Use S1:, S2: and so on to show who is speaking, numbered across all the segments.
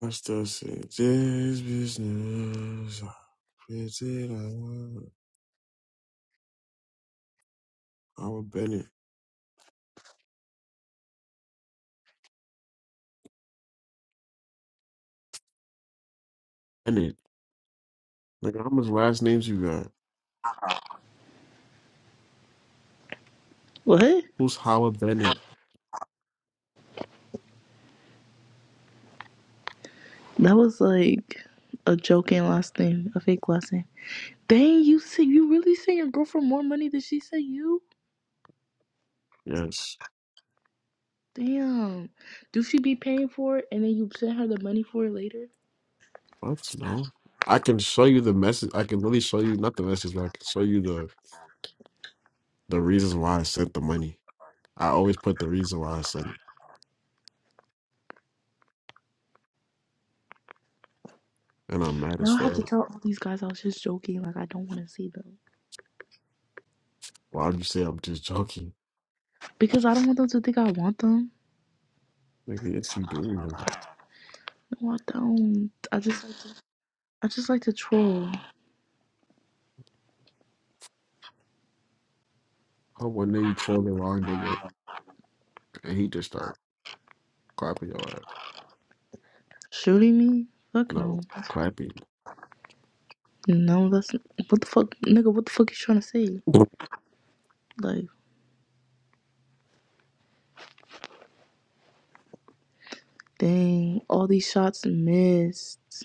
S1: Pastor said, this business, I created Howard Bennett. Bennett. Like, how much last names you got?
S2: What?
S1: Who's Howard Bennett?
S2: That was like a joking last name, a fake last name. Dang, you see, you really sent your girlfriend more money than she sent you?
S1: Yes.
S2: Damn. Do she be paying for it and then you send her the money for it later?
S1: What? No. I can show you the message. I can literally show you, not the message, but I can show you the, the reasons why I sent the money. I always put the reason why I sent it. And I'm mad
S2: I
S1: as
S2: don't have
S1: fuck.
S2: to tell all these guys I was just joking. Like, I don't want to see them.
S1: Why would you say I'm just joking?
S2: Because I don't want them to think I want them.
S1: Nigga, it's you doing, nigga.
S2: No, I don't. I just like to, I just like to troll.
S1: How one day you troll the wrong nigga and he just start clapping your ass?
S2: Shooting me? Fuck
S1: No,
S2: no.
S1: clapping.
S2: No, that's. What the fuck? Nigga, what the fuck you trying to say? Like, dang. All these shots missed.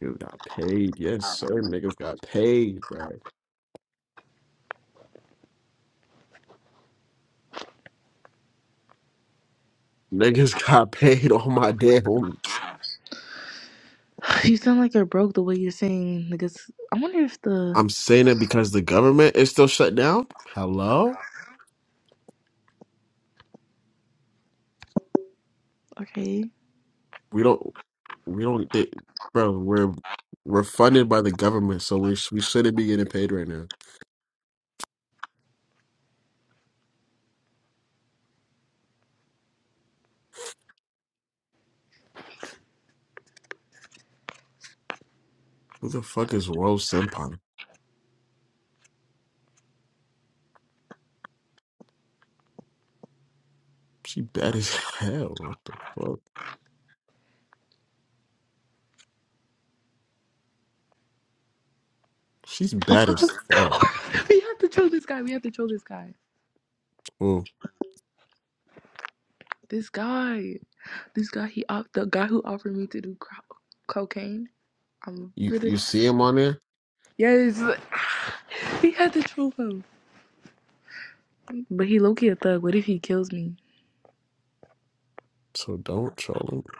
S1: Dude got paid. Yes, sir. Niggas got paid, bro. Niggas got paid on my damn. homies.
S2: You sound like you're broke the way you're saying niggas. I wonder if the
S1: I'm saying it because the government is still shut down. Hello?
S2: okay.
S1: We don't we don't they, bro, we're we're funded by the government, so we sh- we shouldn't be getting paid right now. Who the fuck is Rose Senpai? She bad as hell. What the fuck? She's bad as fuck.
S2: we have to troll this guy. We have to troll this guy.
S1: Mm.
S2: This guy. This guy. He op- the guy who offered me to do cro- cocaine. I'm
S1: You you
S2: gonna.
S1: see him on there?
S2: Yes, we had to troll him. But he low key a thug. What if he kills me?
S1: So don't troll him.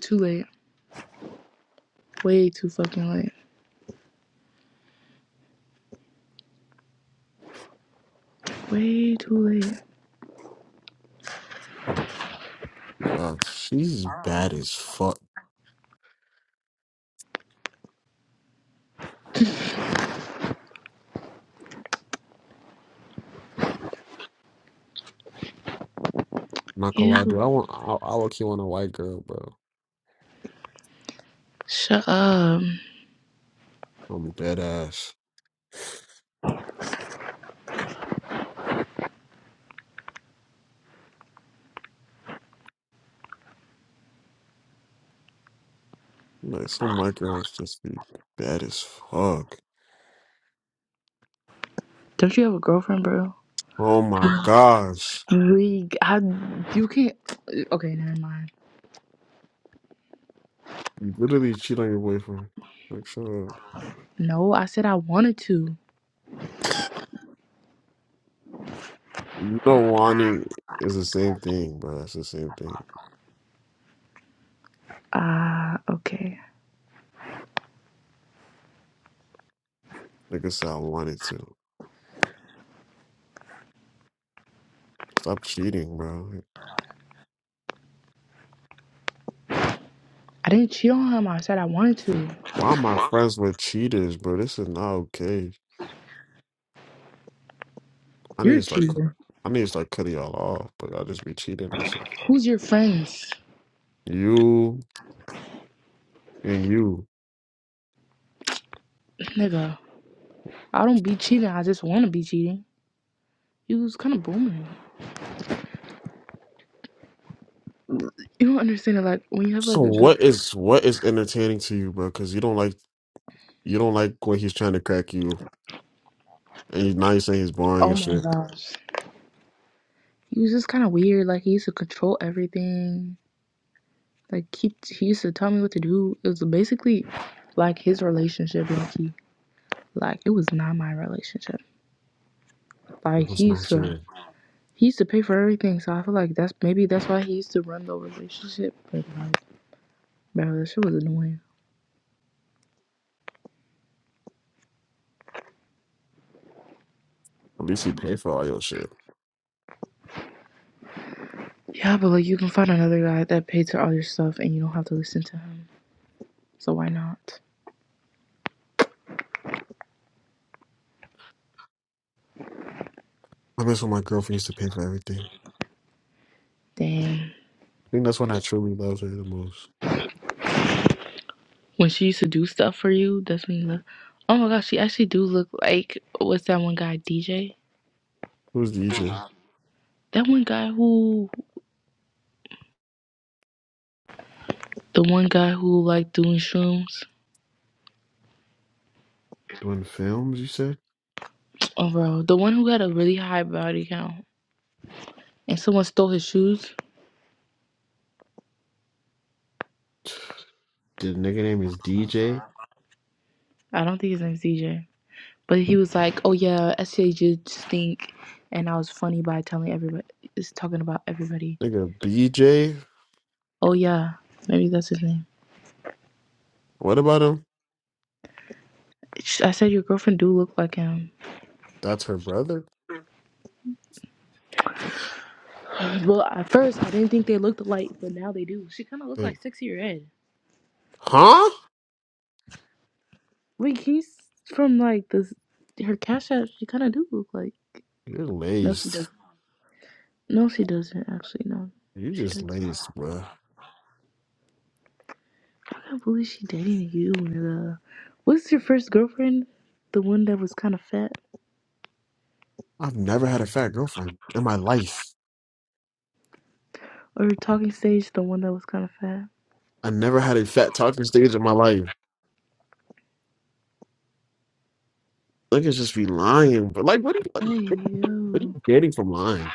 S2: Too late. Way too fucking late. Way too late.
S1: Oh my god, she's bad as fuck. Not gonna
S2: You
S1: lie, dude. I want. I, I would kill on a white girl, bro.
S2: shut up.
S1: I'm dead ass. Like some white girls just be bad as fuck.
S2: Don't you have a girlfriend, bro?
S1: Oh my gosh,
S2: We, I, you can't. Okay, never mind.
S1: you literally cheat on your boyfriend. Like so,
S2: No, I said I wanted to.
S1: you know, wanting is the same thing, bro. It's the same thing.
S2: Ah, uh, okay.
S1: Like I said, I wanted to stop cheating, bro.
S2: I didn't cheat on him. I said I wanted
S1: Like,
S2: to.
S1: why am I friends with cheaters, bro? This is not okay. I need
S2: You're a
S1: to start. cu-
S2: cheater.
S1: I need to start cutting y'all off, but y'all just be cheating and shit.
S2: Who's your friends?
S1: You and you.
S2: Nigga, I don't be cheating. I just want to be cheating. You was kind of booming. You don't understand it. Like, when you have,
S1: So
S2: like, a good.
S1: what is what is entertaining to you, bro? Because you don't like you don't like when he's trying to crack you, and you, now you're saying he's boring
S2: Oh
S1: and
S2: my
S1: shit.
S2: gosh. He was just kind of weird. Like, he used to control everything. Like, he, he used to tell me what to do. It was basically like his relationship, Loki. Like, it was not my relationship.
S1: It
S2: Like, he
S1: was not
S2: used to.
S1: sure.
S2: He used to pay for everything, so I feel like that's maybe that's why he used to run the relationship. But like, bro, that shit was annoying.
S1: At least he paid for all your shit.
S2: Yeah, but like you can find another guy that pays for all your stuff and you don't have to listen to him. So why not?
S1: I miss when my girlfriend used to pay for everything.
S2: Damn.
S1: I think that's when I truly loved her the most.
S2: When she used to do stuff for you, that's when you look. Oh my gosh, she actually do look like what's that one guy DJ?
S1: Who's DJ?
S2: That one guy who, the one guy who like doing shrooms.
S1: Doing films, you said?
S2: Oh bro, the one who had a really high body count and someone stole his shoes.
S1: The nigga name is DJ.
S2: I don't think his name's DJ. But he was like, "Oh yeah, SJ just stink," and I was funny by telling everybody, is talking about everybody.
S1: Nigga, BJ?
S2: Oh yeah, maybe that's his name.
S1: What about him?
S2: I said your girlfriend do look like him.
S1: That's her brother?
S2: Well, at first I didn't think they looked alike, but now they do. She kind of look
S1: Wait,
S2: like sexy red.
S1: huh?
S2: Wait, he's from like this. Her cash app. She kind of do look like.
S1: You're
S2: No, she
S1: laced.
S2: doesn't. No, she doesn't actually. No,
S1: You
S2: she
S1: just
S2: doesn't.
S1: laced, bruh.
S2: I can't believe she dating you, nigga. What's your first girlfriend? The one that was kind of fat.
S1: I've never had a fat girlfriend in my life.
S2: Or talking stage, the one that was kind of fat.
S1: I never had a fat talking stage in my life. Niggas just be lying, but like, what are you like?
S2: Hey
S1: What are
S2: yo, you
S1: you getting from lying?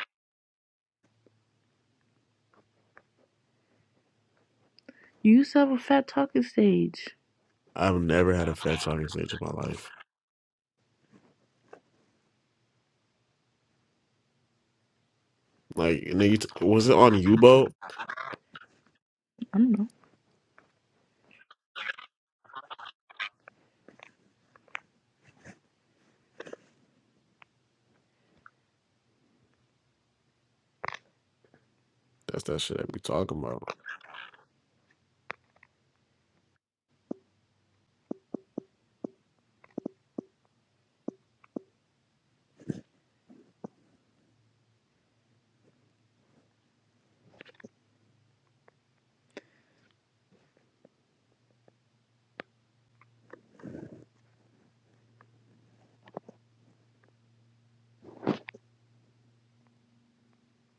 S2: used to have a fat talking stage.
S1: I've never had a fat talking stage in my life. Like, and then you t- was it on Yubo?
S2: I don't know.
S1: That's that shit I be talking about.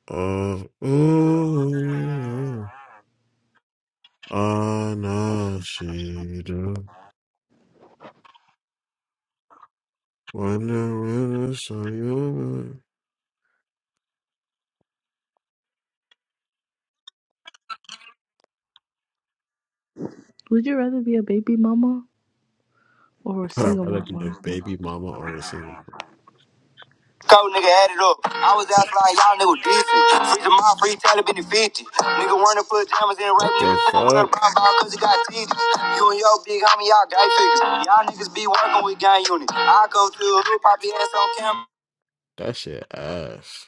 S1: Uh, ooh, uh, no, she do. Wonder when I saw you.
S2: Would you rather be a baby mama or a
S1: Would I
S2: single
S1: rather be
S2: mama?
S1: a baby mama or a single? mom?
S3: Cold nigga added up. I was outside, y'all nigga decent. Free to my free talent been the 50. Nigga wanna put jammers in rape,
S1: What the
S3: nigga cool girl
S1: fuck?
S3: bomb bomb cause he got teeth. You and your big homie, y'all gay figures. Y'all niggas be working with gang units. I come to a hood, pop your ass on camera.
S1: That shit ass.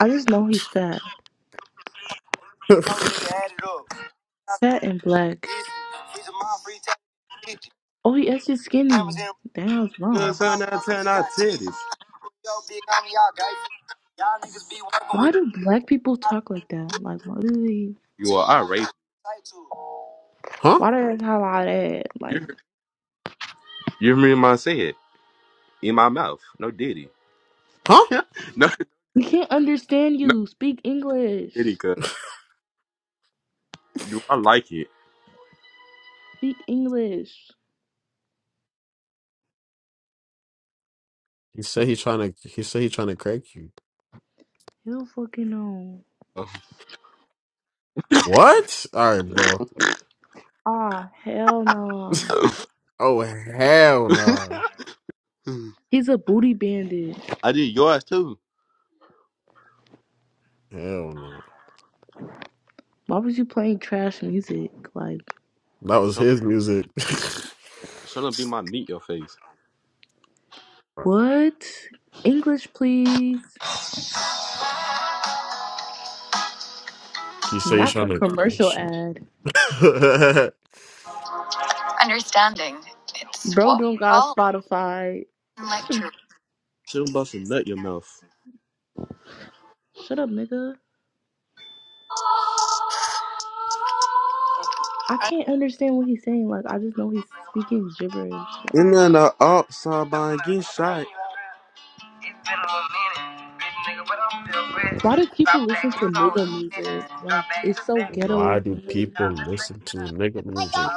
S2: I just know he's fat,
S3: Cold nigga added up. I was
S2: fat and black.
S3: decent. Free to my free talent been the 50.
S2: Oh, he actually
S3: Jammers
S2: skinny.
S3: in rape,
S2: Damn, I was
S3: nigga
S2: wrong.
S3: Turn bomb out, bomb cause turn he out titties. You and your big homie, y'all gay figures. Y'all niggas be working
S2: Why
S3: with.
S2: do black people talk like that? Like, why do they?
S3: You are a hood, irate. pop your ass on camera.
S1: huh?
S2: Why do they talk like that? Like,
S3: You remember said in my mouth, no diddy.
S1: Huh?
S2: we can't understand you. Speak English.
S3: Kitty, cause you, I like it.
S2: Speak English.
S1: He said he trying to. He said he trying to crack you.
S2: Hell fucking no.
S1: What? All right, bro.
S2: Ah, hell no.
S1: Oh hell nah.
S2: He's a booty bandit.
S1: Hell nah.
S2: Why was you playing trash music? Like,
S1: That was
S3: Shut,
S1: his music.
S3: shut up, be my meat your face.
S2: what? English, please.
S1: he said he
S2: Not the
S1: trying
S2: commercial ad.
S1: to.
S2: Bro don't got Spotify.
S3: Shut up, bust a nut your mouth.
S2: Shut up, nigga. I can't understand what he's saying. Like, I just know he's speaking gibberish. Like,
S3: And then the up side by and get shot. It's been a little minute, bitch nigga, but I'm still ready.
S2: why do people
S3: Drop
S2: listen
S3: back, you
S2: to
S3: know it's
S2: nigga
S3: a bitch.
S2: music?
S3: Drop
S2: Like,
S3: back,
S2: it's
S3: drop
S2: so
S3: back,
S1: why
S2: ghetto.
S1: do people listen to nigga music?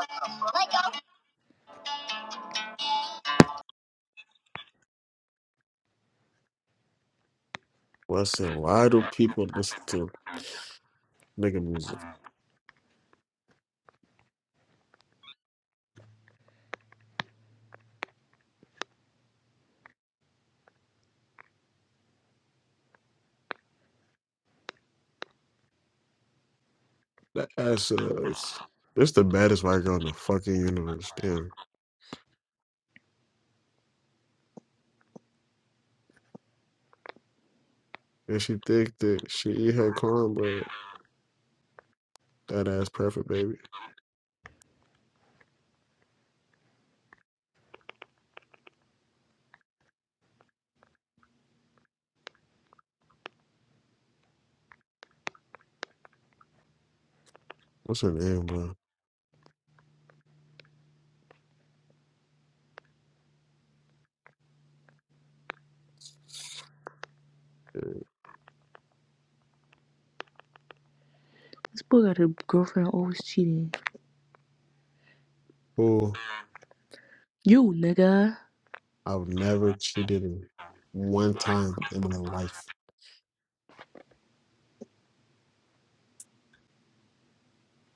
S1: Listen, why do people listen to nigga music? That ass. Uh, it's this the baddest white girl in the fucking universe. Damn. And she think that she eat her corn, but that ass perfect, baby. What's her name, bro?
S2: This boy got a girlfriend always cheating.
S1: who
S2: You, nigga.
S1: I've never cheated on one time in my life.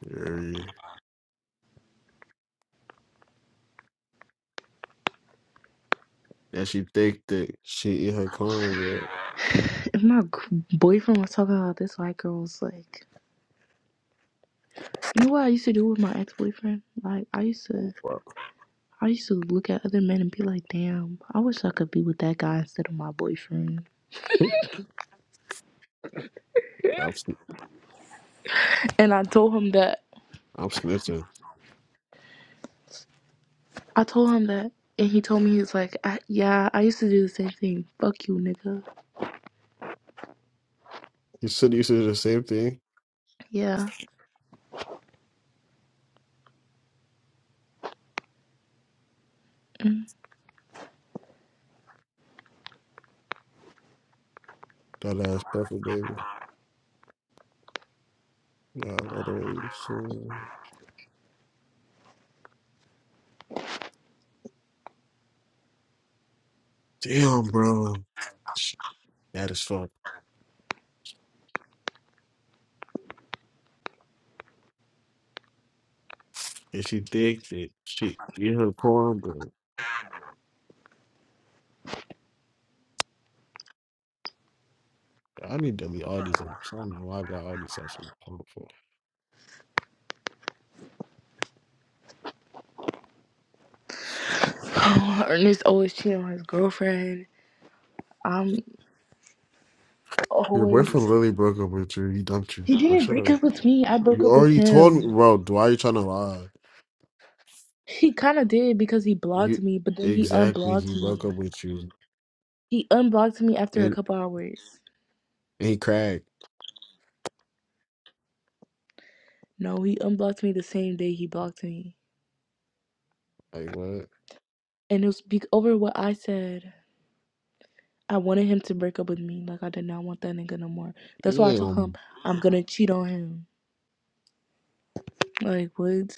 S1: Yeah. And she think that she eat her corn,
S2: If my g- boyfriend was talking about this white girl was like, you know what I used to do with my ex boyfriend? Like, I used to.
S1: but
S2: I used to look at other men and be like, damn, I wish I could be with that guy instead of my boyfriend.
S1: well, I'm, sn-
S2: And I told him that.
S1: I'm snitching.
S2: I told him that. And he told me, he's like, I, yeah, I used to do the same thing. Fuck you, nigga.
S1: You said you said the same thing.
S2: Yeah.
S1: That ass perfect, baby. Yeah, that way. So, yeah. damn, bro. That is fuck. And she think that she eat her corn, but I need to delete all these apps. I don't know why I got all these apps on the phone for.
S2: Ernest always cheating on his girlfriend. I'm
S1: Your boyfriend
S2: always.
S1: literally broke up with you. He dumped you.
S2: He
S1: Like,
S2: didn't
S1: shut
S2: break
S1: up.
S2: up with me. I broke
S1: You
S2: up with
S1: already told me,
S2: him.
S1: bro. Why are you trying to lie?
S2: He kind of did because he blocked
S1: You
S2: me, but then he
S1: exactly.
S2: unblocked
S1: He
S2: me.
S1: broke up with you,
S2: He unblocked me after a
S1: and,
S2: couple hours.
S1: and he cracked.
S2: No, he unblocked me the same day he blocked me.
S1: Like what?
S2: and it was be- over what I said. I wanted him to break up with me. Like I did not want that nigga no more. That's why I told him
S1: Damn,
S2: I'm gonna cheat on him. Like what?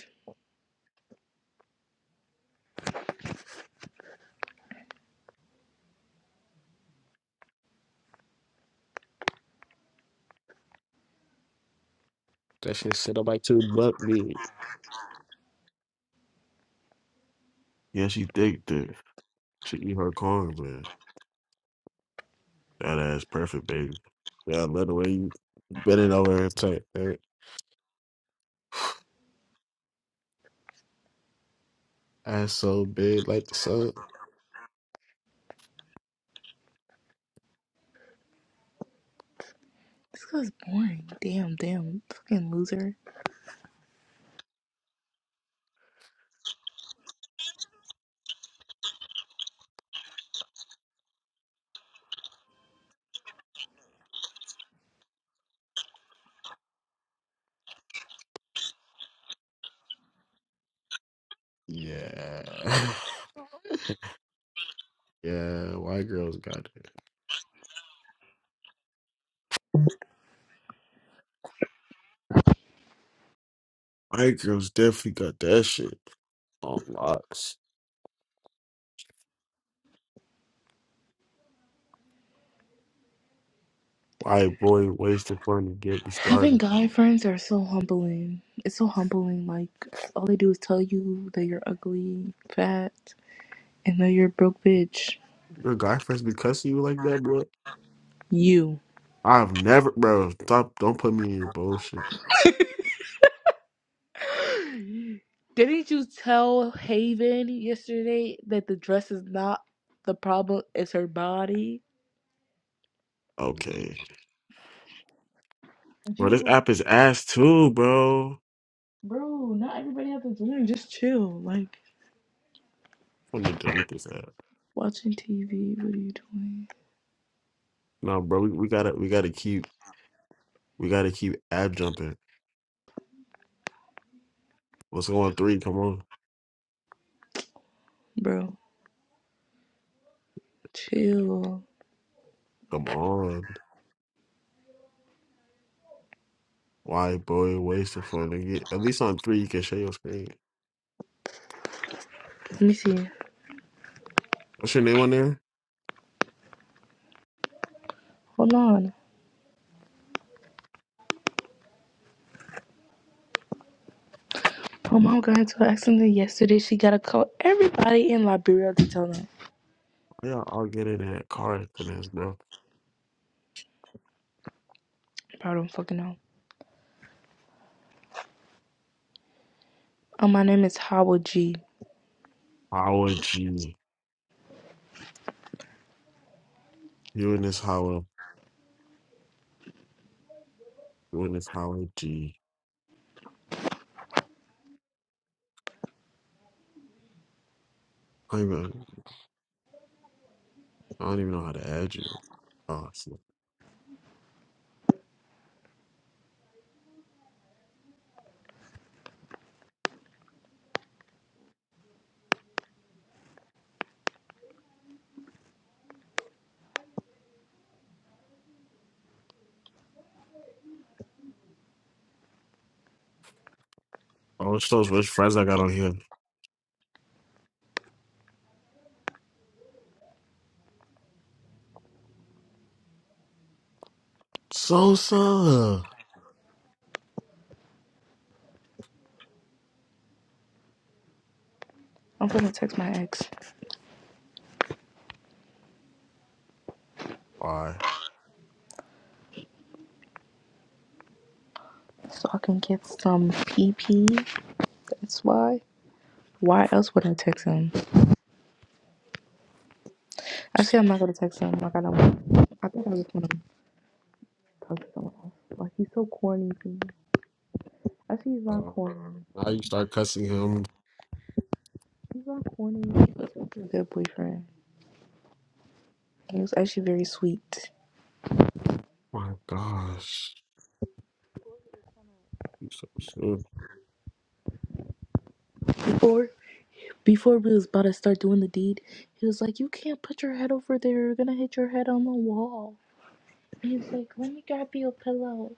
S1: that shit set up like two buck big. Yeah, she thick, dude. She eat her corn, man. That ass perfect, baby. Yeah, I love the way you bend it over her tight. That ass so big, like the sun.
S2: This guy's boring. Damn, damn, fucking loser.
S1: Yeah, yeah. White girls got it. White girls definitely got that shit on locks. I boy wasted fun to get me
S2: Having
S1: started.
S2: guy friends are so humbling. It's so humbling. Like all they do is tell you that you're ugly, fat, and that you're a broke bitch.
S1: Your guy friends be cussing you like that, bro.
S2: You.
S1: I've never, bro. Stop! Don't put me in your bullshit.
S2: Didn't you tell Haven yesterday that the dress is not the problem? It's her body.
S1: Okay, bro. This
S2: Jill,
S1: app is ass too, bro.
S2: bro, not everybody has to learn. Just chill. Like
S1: I'm gonna delete this app.
S2: watching TV. What are you doing,
S1: No, bro. We, we gotta we gotta keep we gotta keep app jumping. What's going on three? Come on,
S2: bro? Chill.
S1: come on. Why boy wasted fun to get? At least on three you can share your screen.
S2: Let me see.
S1: What's your name on there?
S2: Hold on. My mom got into an accident yesterday. She gotta call everybody in Liberia to tell them.
S1: Yeah, I'll get in that car after this, bro.
S2: Bro, I don't fucking know. Uh, my name is Howard G.
S1: Howard G. You in this Howard. You in this Howard G. I don't even, I don't even know how to add you. Oh, it's oh, it's those rich friends I got on here. Sosa.
S2: I'm gonna text my ex
S1: Why?
S2: so I can get some PP. That's why. Why else would I text him? Actually, I'm not gonna text him. Like I don't. I think I just wanna talk to someone else. Like he's so corny. to me. I see he's not
S1: Uh,
S2: corny.
S1: now you start cussing him.
S2: He's not corny. He's a good boyfriend. He was actually very sweet.
S1: My gosh. You so soon.
S2: Before before we was about to start doing the deed, he was like, You can't put your head over there, you're gonna hit your head on the wall. He's like, Let me grab you a pillow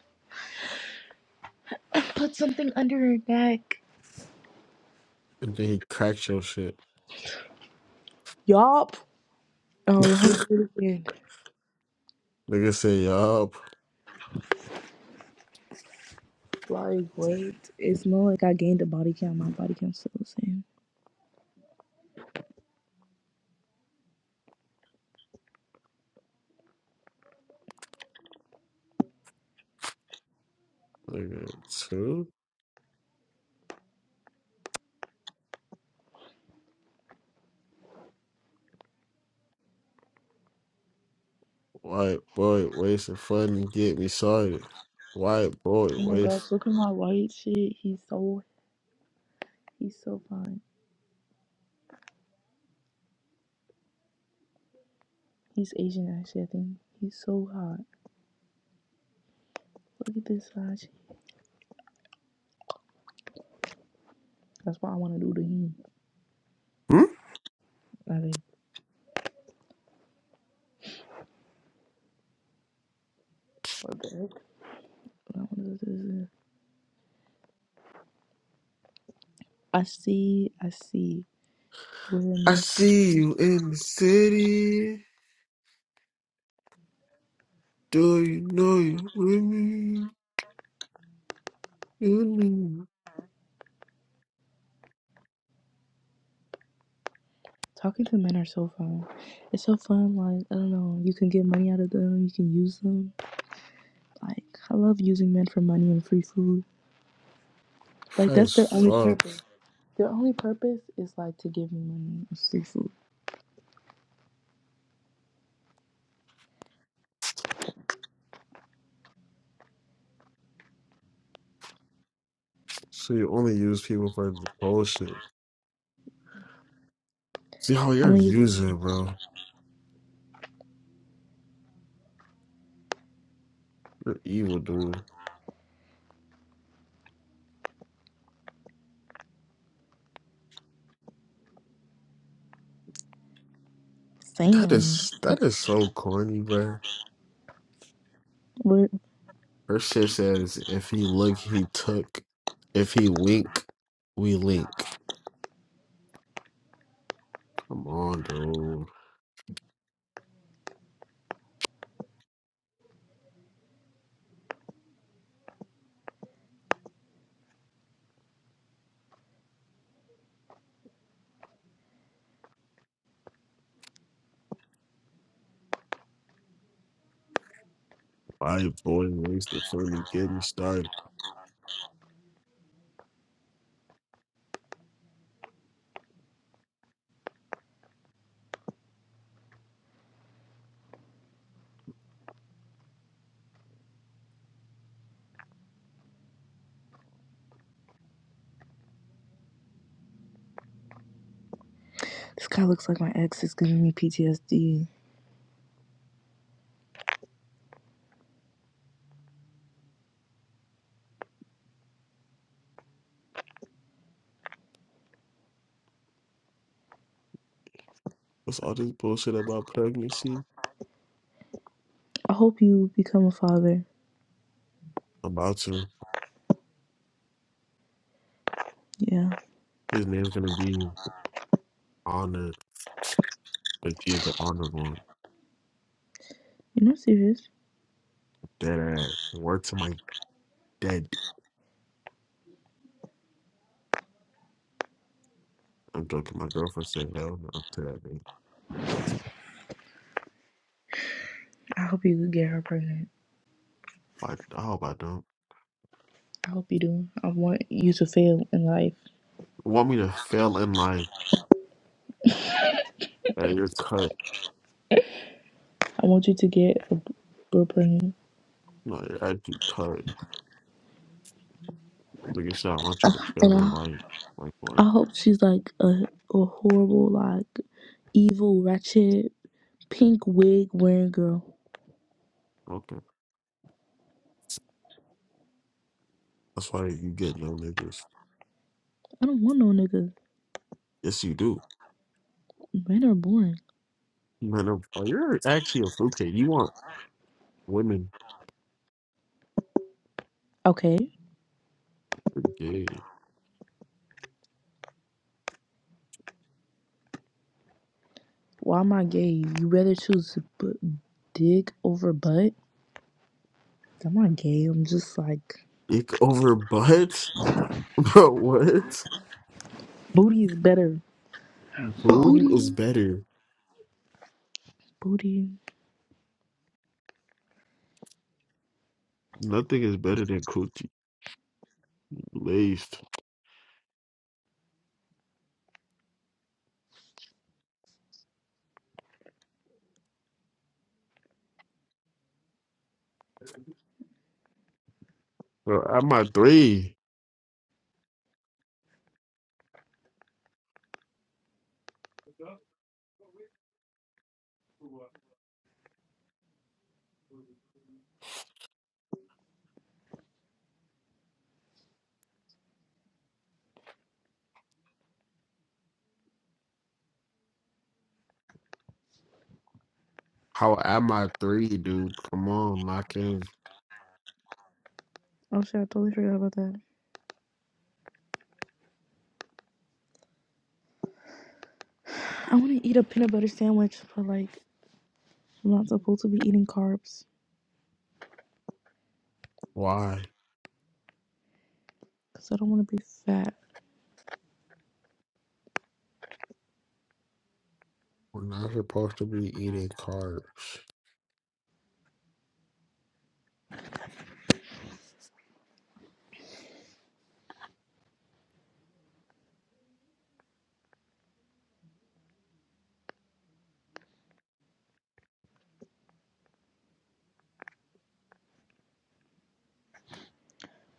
S2: and put something under your neck.
S1: And then he cracks your shit.
S2: Yup. Oh, let him do it again.
S1: Nigga say, yup.
S2: Like, what? It's not like I gained a body count. My body count's still the same.
S1: Nigga, too? White boy, wasting fun and get me started. White boy,
S2: Oh my
S1: waste.
S2: gosh, look at my white shit. He's so, he's so fine. He's Asian, actually, I think. He's so hot. Look at this Sachi. That's why I want to do the him.
S1: Hmm?
S2: I think. What the heck? I want to do this. I see. I see. Women
S1: I see you in the city. Do you know you with me? You know.
S2: Talking to men are so fun. It's so fun. Like I don't know. You can get money out of them. You can use them. Like I love using men for money and free food. Like
S1: High
S2: that's
S1: as
S2: their only
S1: fuck.
S2: purpose. Their only purpose is like to give me money and free food.
S1: So you only use people for the bullshit. See how you're
S2: I'm like,
S1: using, bro. You're evil, dude. That
S2: Sam,
S1: is that is so corny, bro.
S2: but
S1: Her shit says, "If he look, he took. If he wink, we link." Come on, dude. Why boy wasted for me getting started?
S2: This guy looks like my ex. Is giving me PTSD.
S1: What's all this bullshit about pregnancy?
S2: I hope you become a father.
S1: About to
S2: Yeah.
S1: his name's gonna be honored, but you the honored one.
S2: You're not serious.
S1: Dead ass. Word to my dead I'm joking. My girlfriend said hell no to that nigga.
S2: I hope you get her pregnant.
S1: Like, I hope I don't.
S2: I hope you do. I want you to fail in life.
S1: Want me to fail in life? Hey, you're cut.
S2: I want you to get a girl pregnant.
S1: No, you're actually cut. Nigga, shit, I want you to
S2: And
S1: fail in
S2: I,
S1: life. Like, what?
S2: I hope she's like a, a horrible, like evil, ratchet, pink wig wearing girl.
S1: Okay. That's why you get no niggas.
S2: I don't want no nigga.
S1: Yes, you do.
S2: Men are boring.
S1: Man, i oh, you're actually a fruitcake. You want women
S2: Okay.
S1: gay.
S2: Why am I gay? You rather choose b- dick over butt? I'm not gay. I'm just like,
S1: Ick over butt? Bro, what?
S2: booty is better.
S1: Booty is
S2: Booty.
S1: better.
S2: Booty.
S1: Nothing is better than coochie. Laced. Bro, I'm at three. How am I three, dude? Come on, knock in.
S2: Oh shit, I totally forgot about that. I want to eat a peanut butter sandwich, but like, I'm not supposed to be eating carbs
S1: Why?
S2: because I don't want to be fat.
S1: We're not supposed to be eating carbs.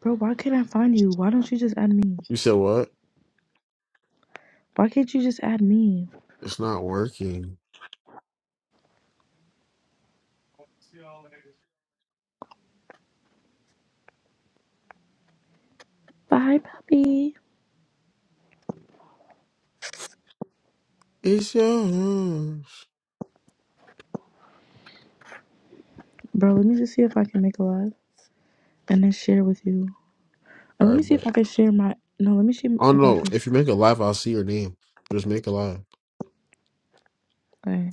S2: Bro, why can't I find you? Why don't you just add me?
S1: You said what?
S2: Why can't you just add me?
S1: It's not working.
S2: Bye, puppy.
S1: It's yours.
S2: Bro, let me just see if I can make a live and then share with you. Or
S1: All
S2: let
S1: right,
S2: me see
S1: but
S2: if I can share my. No, let me see
S1: oh
S2: if I
S1: no,
S2: can.
S1: if you make a live, I'll see your name. Just make a live.
S2: All right.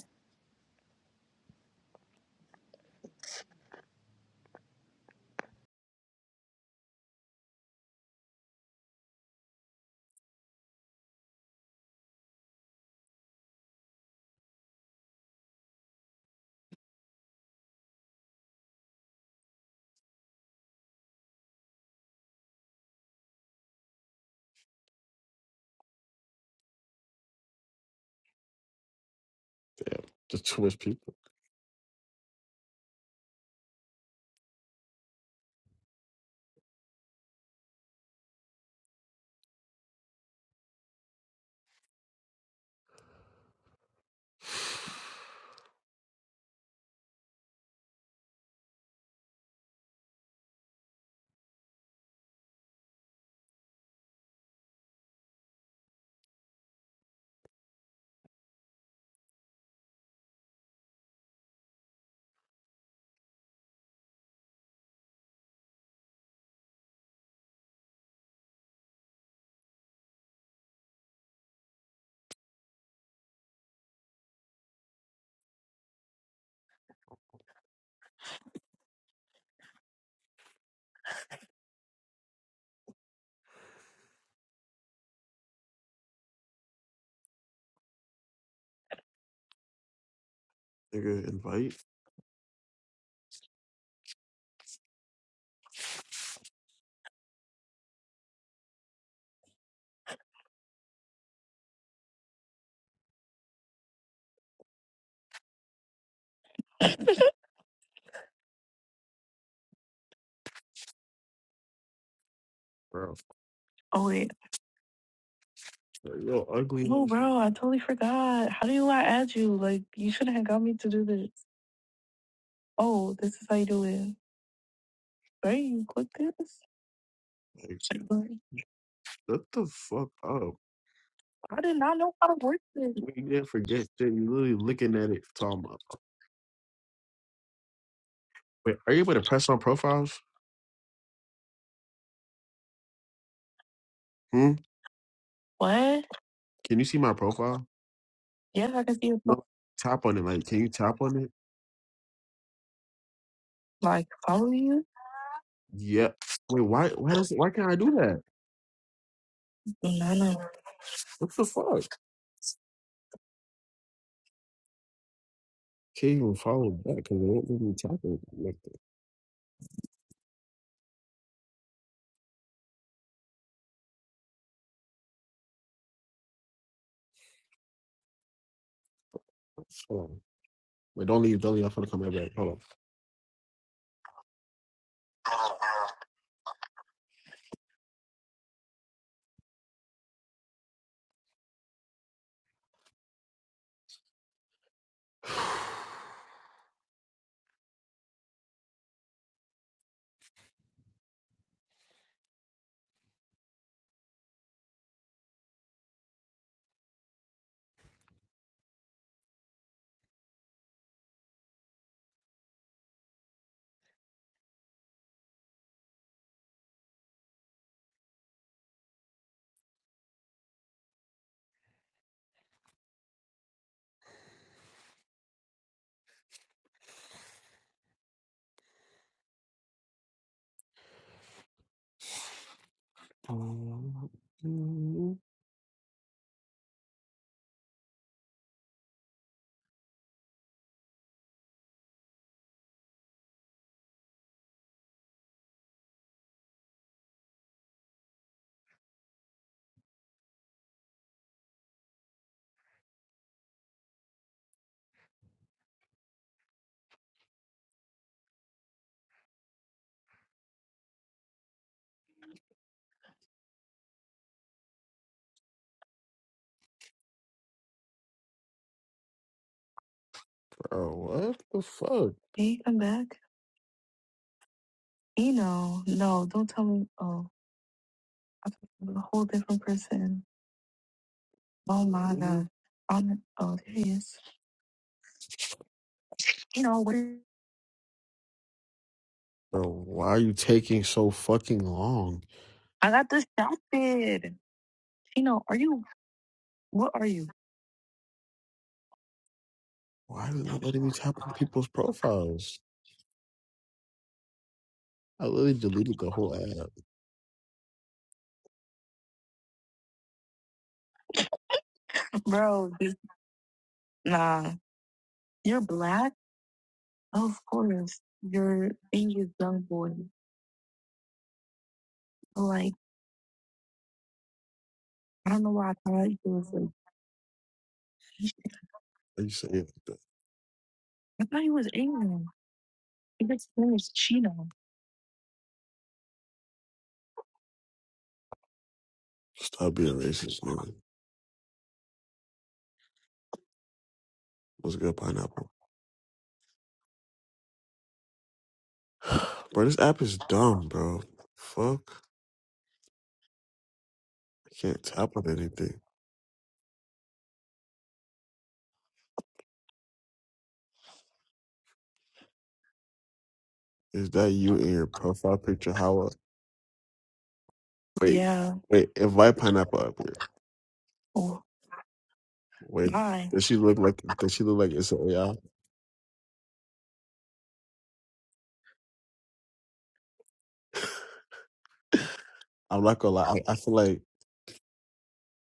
S1: Yeah, just too much people. Nigga, invite, bro. Oh wait. Yo, ugly. Oh bro, I totally forgot. How do you I add you? Like you shouldn't have got me to do this. Oh, this is how you do it. Right? You click this? Like, shut the fuck up. I did not know how to work this. You didn't forget that you literally looking at it talking about. oh, Wait, are you able to press on profiles? Hmm? What? Can you see my profile? Yeah, I can see it. No. Tap on it. Like, can you tap on it? Like, follow you? Yep. Wait, why why does why can't I do that? Do not know. What the fuck? Can't even follow back because they won't let me tap it like that. Hold on. Wait, don't leave, don't leave. I'm gonna come right back. Hold on. Bro, what the fuck? Can you come back? You know, no, don't tell me. Oh, I thought it was a whole different person. Oh my God. I'm. oh, there he is. You know, where Bro, why are you taking so fucking long? I got distracted. You know, are you, what are you? Why is it not letting me tap on people's profiles? I literally deleted the whole app. Bro, this- nah. You're black? Of course. You're English young boy. Like, I don't know why I thought you was like, Are you saying? I thought he was Asian. I guess His name is Chino. Stop being racist, nigga. What's good, pineapple? bro, this app is dumb, bro. Fuck. I can't tap on anything. Is that you in your profile picture? How up? Wait, Yeah. wait, invite pineapple up here. Oh, Wait, why? does she look like does she look like it's an AI? I'm not gonna lie, I, I feel like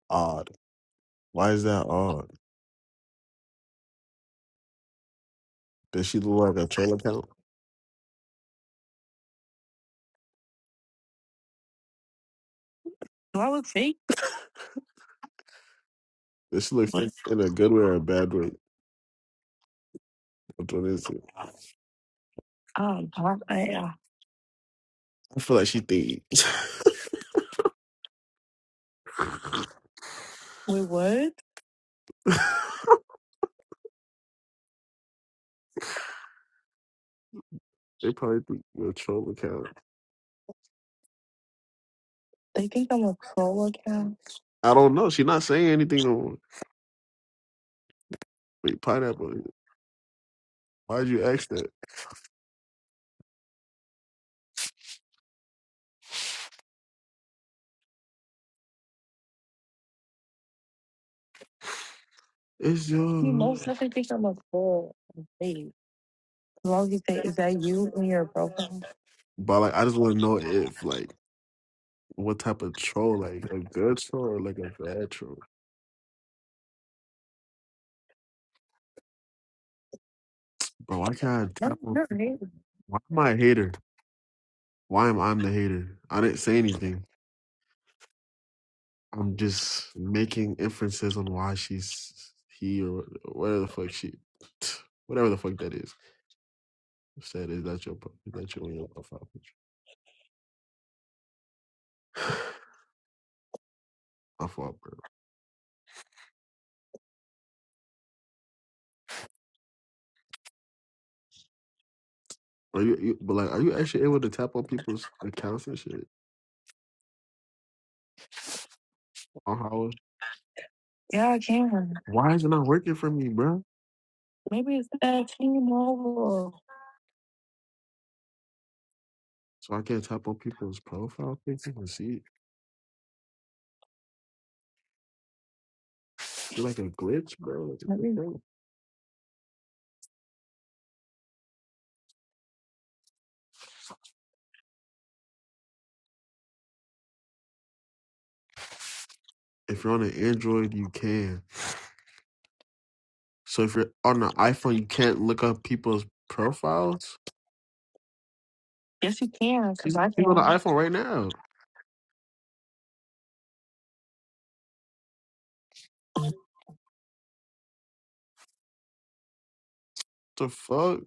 S1: odd. Why is that odd? Does she look like a troll account? Do I look fake? Does she look fake in a good way or a bad way? Which one is it? Um, I, I, I feel like she think Wait, what? they probably think you're a troll account. They think I'm a troll account. I don't know. She's not saying anything. On, wait, pineapple. Why'd you ask that? It's You your most definitely think I'm a troll. Wait, as long as you say, is that you in your profile? but like I just want to know if like what type of troll, like a good troll or like a bad troll. Bro, why can't I No, tap on? you're right. Why am I a hater? Why am I the hater? I didn't say anything. I'm just making inferences on why she's he or whatever the fuck she, whatever the fuck that is. Said is that your is that your on your profile picture? My fault, bro. Are you, you but like are you actually able to tap on people's accounts and shit on how? Yeah, I can. Why is it not working for me, bro? Maybe it's that team over. So I can't tap on people's profile pictures and see. You're like a glitch, bro. Like, Let me know. If you're on an Android, you can. So if you're on an iPhone, you can't look up people's profiles. Yes, you can, because I people on the can. iPhone right now. the fuck?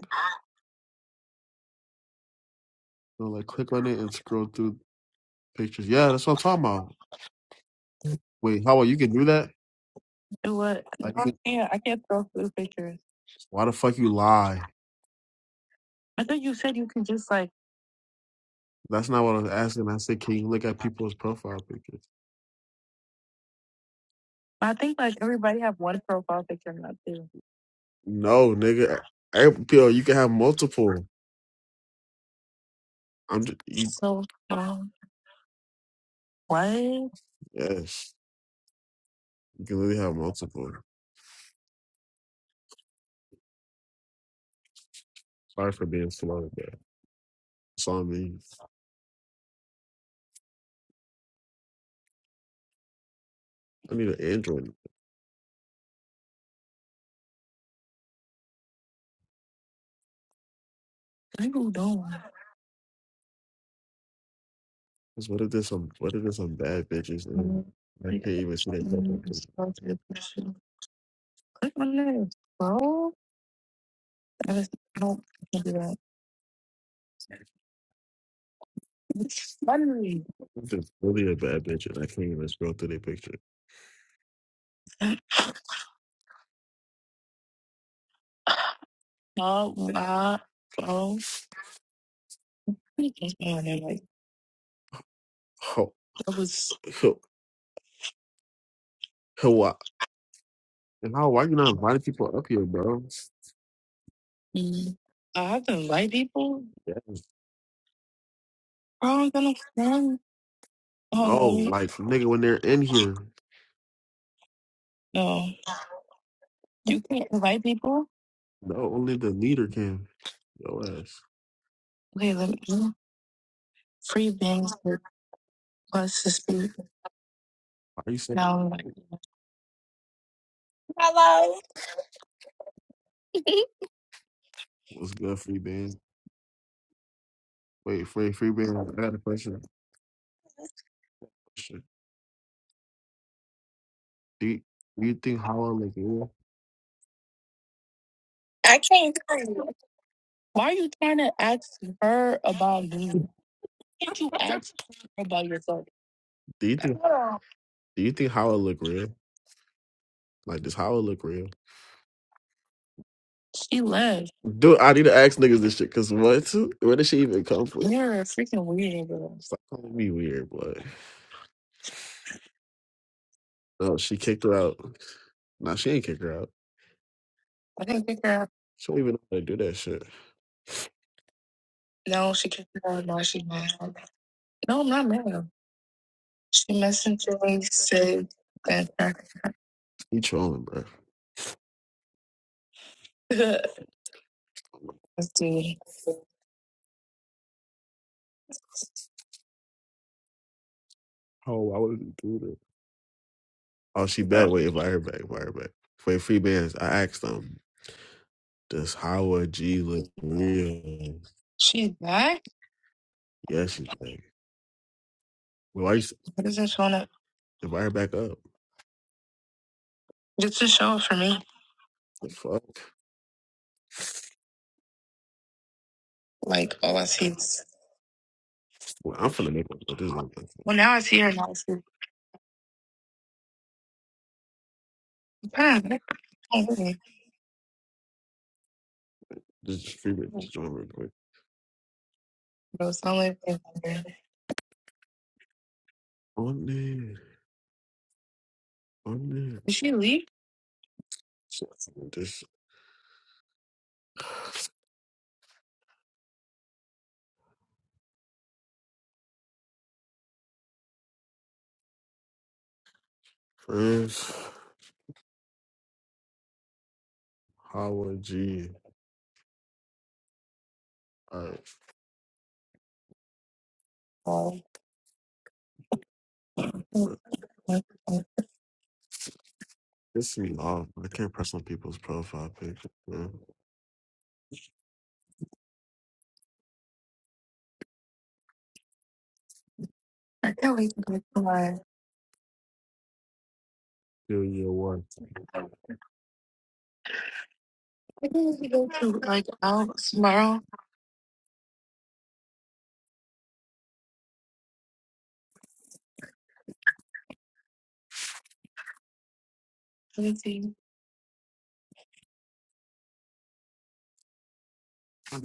S1: So like, click on it and scroll through pictures. Yeah, that's what I'm talking about. Wait, how well, you can do that? Do what? No, Like, I can, can't. I can't scroll through pictures. why the fuck you lie? I thought you said you can just like. That's not what I was asking. I said, can you look at people's profile pictures? I think like everybody have one profile picture, not two. No, nigga. I- Yo, you can have multiple. I'm just, you, So um, what? yes, you can literally have multiple. Sorry for being slow, but it's on me. I need an Android. People not Cause what if there's some, what if there's some bad bitches and Um, I can't even see their fucking mm, picture? so it's a question. Click on this, bro. I just I don't I can't do that. It's funny. If there's really a bad bitch and I can't even scroll through their picture. Oh, my, bro. Oh, That was oh, oh, wow. And how, why you not inviting people up here, bro? mm, I have to invite people. Yeah. Bro, I don't got no friends. No, Oh like, nigga, when they're in here, no, you can't invite people. no, only the leader can. Yo ass. Okay, let me free bangs plus the speed. Why you saying Now I'm like, hello. what's good, Free Band? Wait, free Free Band, I got a question. Question. Do you, do you think Hollow like you? I can't hear you. Why are you trying to ask her about you? Can't you ask her about yourself? Do you think do you think Howard look real? Like does Howard look real? She left. Dude, I need to ask niggas this shit, cause what? Where did she even come from? You're a freaking weirdo. bro. Stop calling me weird, boy. No, she kicked her out. Nah, she ain't kick her out. I didn't kick her out. She don't even know how to do that shit. No, she kicked her out. No, she mad. No, I'm not mad. She messaged me, said that. He trolling, bro. Let's do it. Oh, I wouldn't do that. Oh, she back. Wait, invite her back. Invite her back. Wait, free bands. I asked them, does Howard G look real? She's back? Yeah, she's back. Well, why you s- What is this one up? invite her back up? Just to show it for me. The fuck? Like, all I see is. Well, I'm finna make one. But this is my thing. Well, now I see her, now I see her. Kind of, oh, really? This is free bands, Just join real quick. But it's only. On there. Monday, Did she leave? this friends, Howard G. Alright, Oh. but this is long. I can't press on people's profile pictures, man. I can't wait to go to my. Do your one. I can't wait to go to like out tomorrow. Let me see. I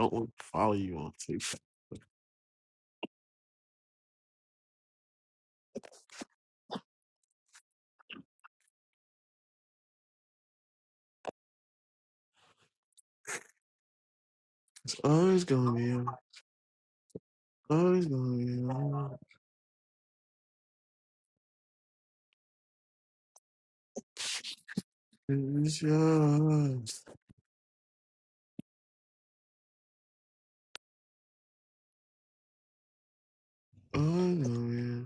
S1: don't want to follow you on TikTok. Oh, It's always gonna be you. Always gonna be you. It's yours. Always gonna be you.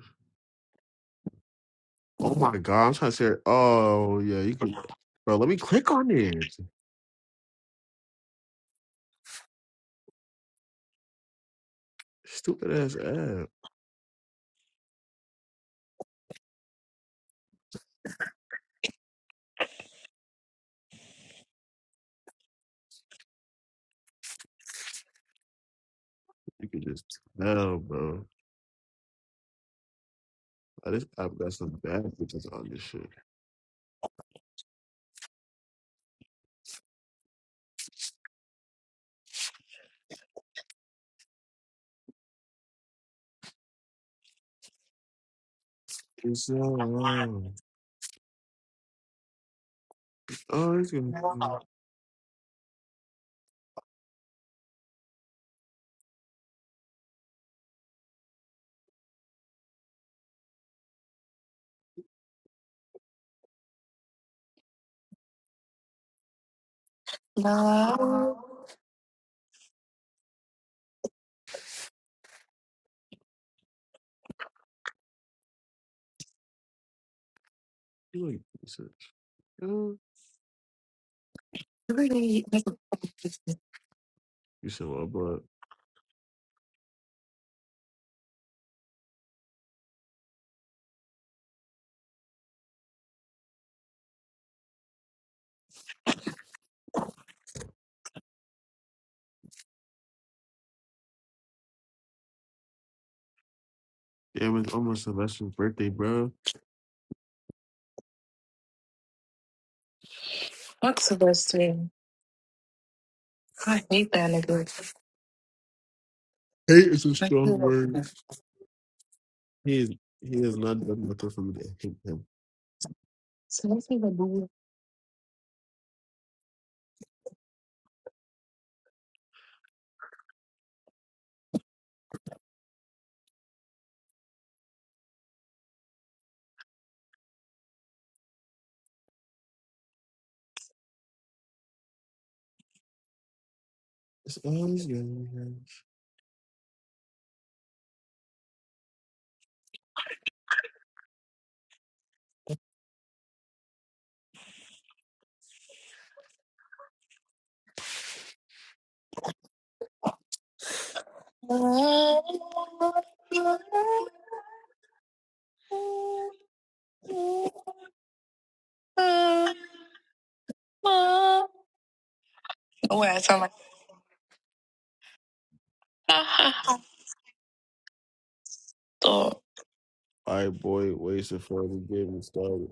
S1: Oh my god, I'm trying to say. Oh yeah, you can, bro. Let me click on it. Stupid ass app. You can just tell, bro. Oh, This app got some bad bitches on this shit. It's so wrong. Oh, it's gonna be. No. You like research? You said what? But damn, it's almost Sylvester's birthday, bro. What's the I hate that nigga. Hate is a strong word. He is. He has not done nothing for me to hate him. I'm It's always good. Wait, I sound like oh, My boy wasted for the getting started.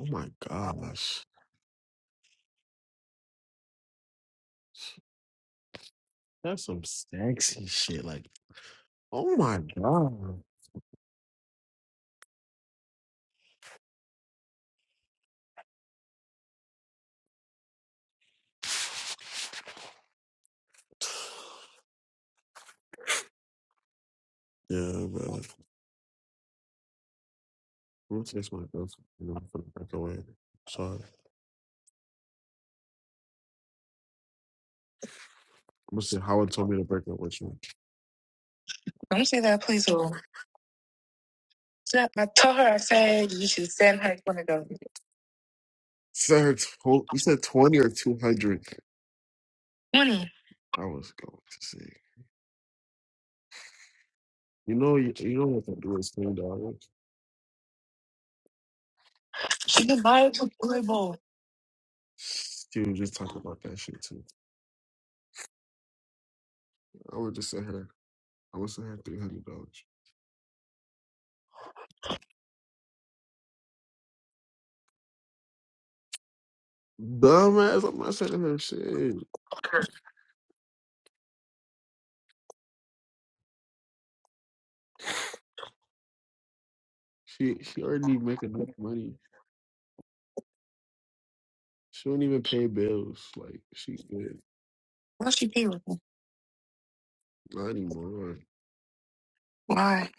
S1: Oh my gosh. That's some sexy shit. Like, oh my god. Yeah, bro. I'm gonna text my girlfriend. You know, I'm gonna break away. Sorry. I'm gonna say Howard told me to break up with you. don't say that, please. No, I told her I said you should send her one of those. Send her tw- you said twenty or two hundred. hundred. Twenty. I was going to say. You know you, you know what to do is twenty dollars. She can buy it with Blue Ball. She was just talking about that shit too. I would just send her I would send her three hundred dollars. Dumbass, I'm not sending her shit. She she already make enough money. She don't even pay bills. Like she good. Why she pay with me? Not anymore. Why?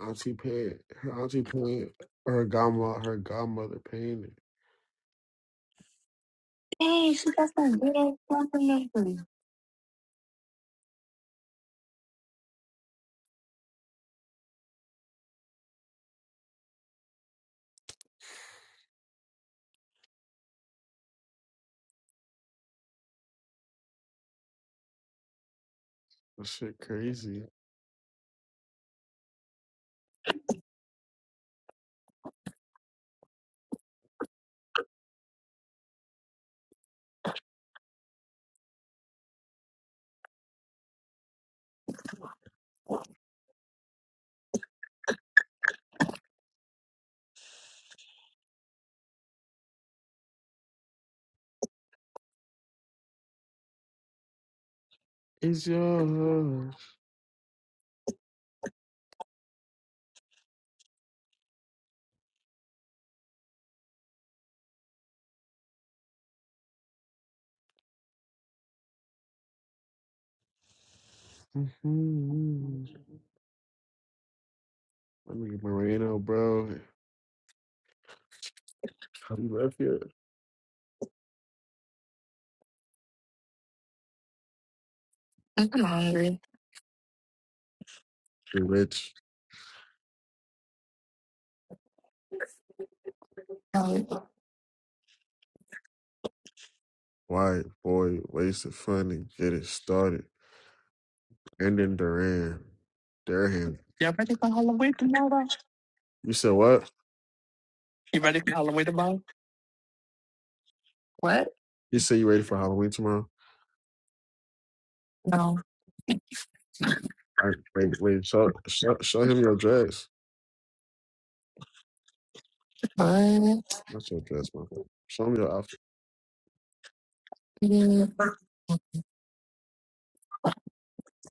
S1: Auntie paid her auntie paid her godmother her godmother painted. Dang, she got some good ass fucking memory. That shit crazy. It's yours. Mhm. Let me get Moreno, bro. How You left here? I'm hungry. You rich, Oh, white boy, wasted fun funding, get it started. And then Duran. Durham. Y'all ready for Halloween tomorrow? You said what? You ready for Halloween tomorrow? What? You say you ready for Halloween tomorrow? No. All right, wait, wait, show, show, show him your dress. What? Not your dress, my friend. Show him your outfit. Yeah.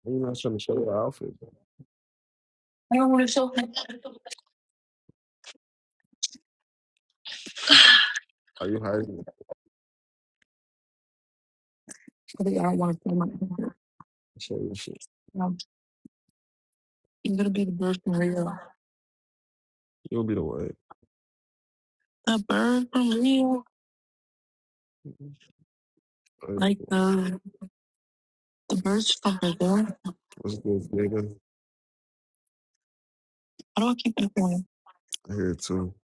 S1: Why you not trying to show your outfit? I don't want to show him. Are you hiding it? Really, I don't want to show my hand. Show your shit. No, I'm gonna be the bird from Rio. You'll be the one. The bird from Rio, Like, like the the birds from Brazil. What's this, nigga? How do I keep that going? I hear it too.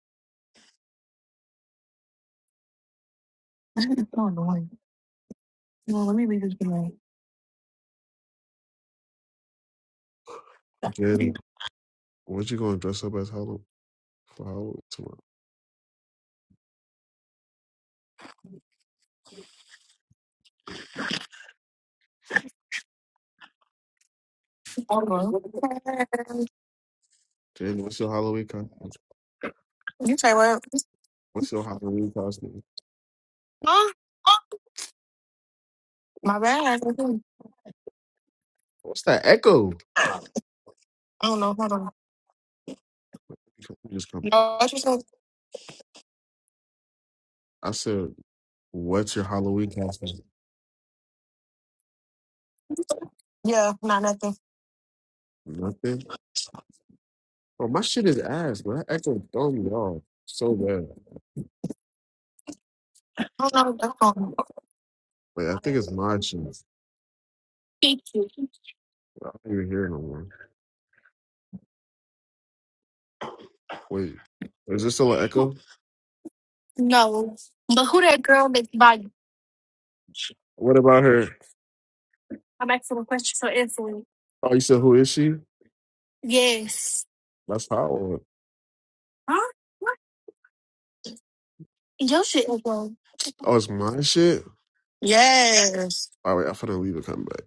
S1: It's so annoying. Well, let me leave this alone. Jenny, what you gonna dress up as Halloween for Halloween tomorrow? Hold on. Jenny, what's your Halloween costume? You say what? What's your Halloween costume? Huh? My bad. I What's that echo? I don't know. Hold on. You come- you just come. No, what you said? I said, what's your Halloween costume? Yeah, not nothing. Nothing. Oh, my shit is ass, but that echo throw me off so bad. Hold on. That's all. Wait, I think it's my shit. I don't even hear no more. Wait, is this still an echo? No. But who that girl that's by you? What about her? I'm asking a question for Anthony. Oh, you said who is she? Yes. That's how. Huh? What? Your shit is wrong. Oh, it's my shit. Yes. All right, I'm finna leave and come back.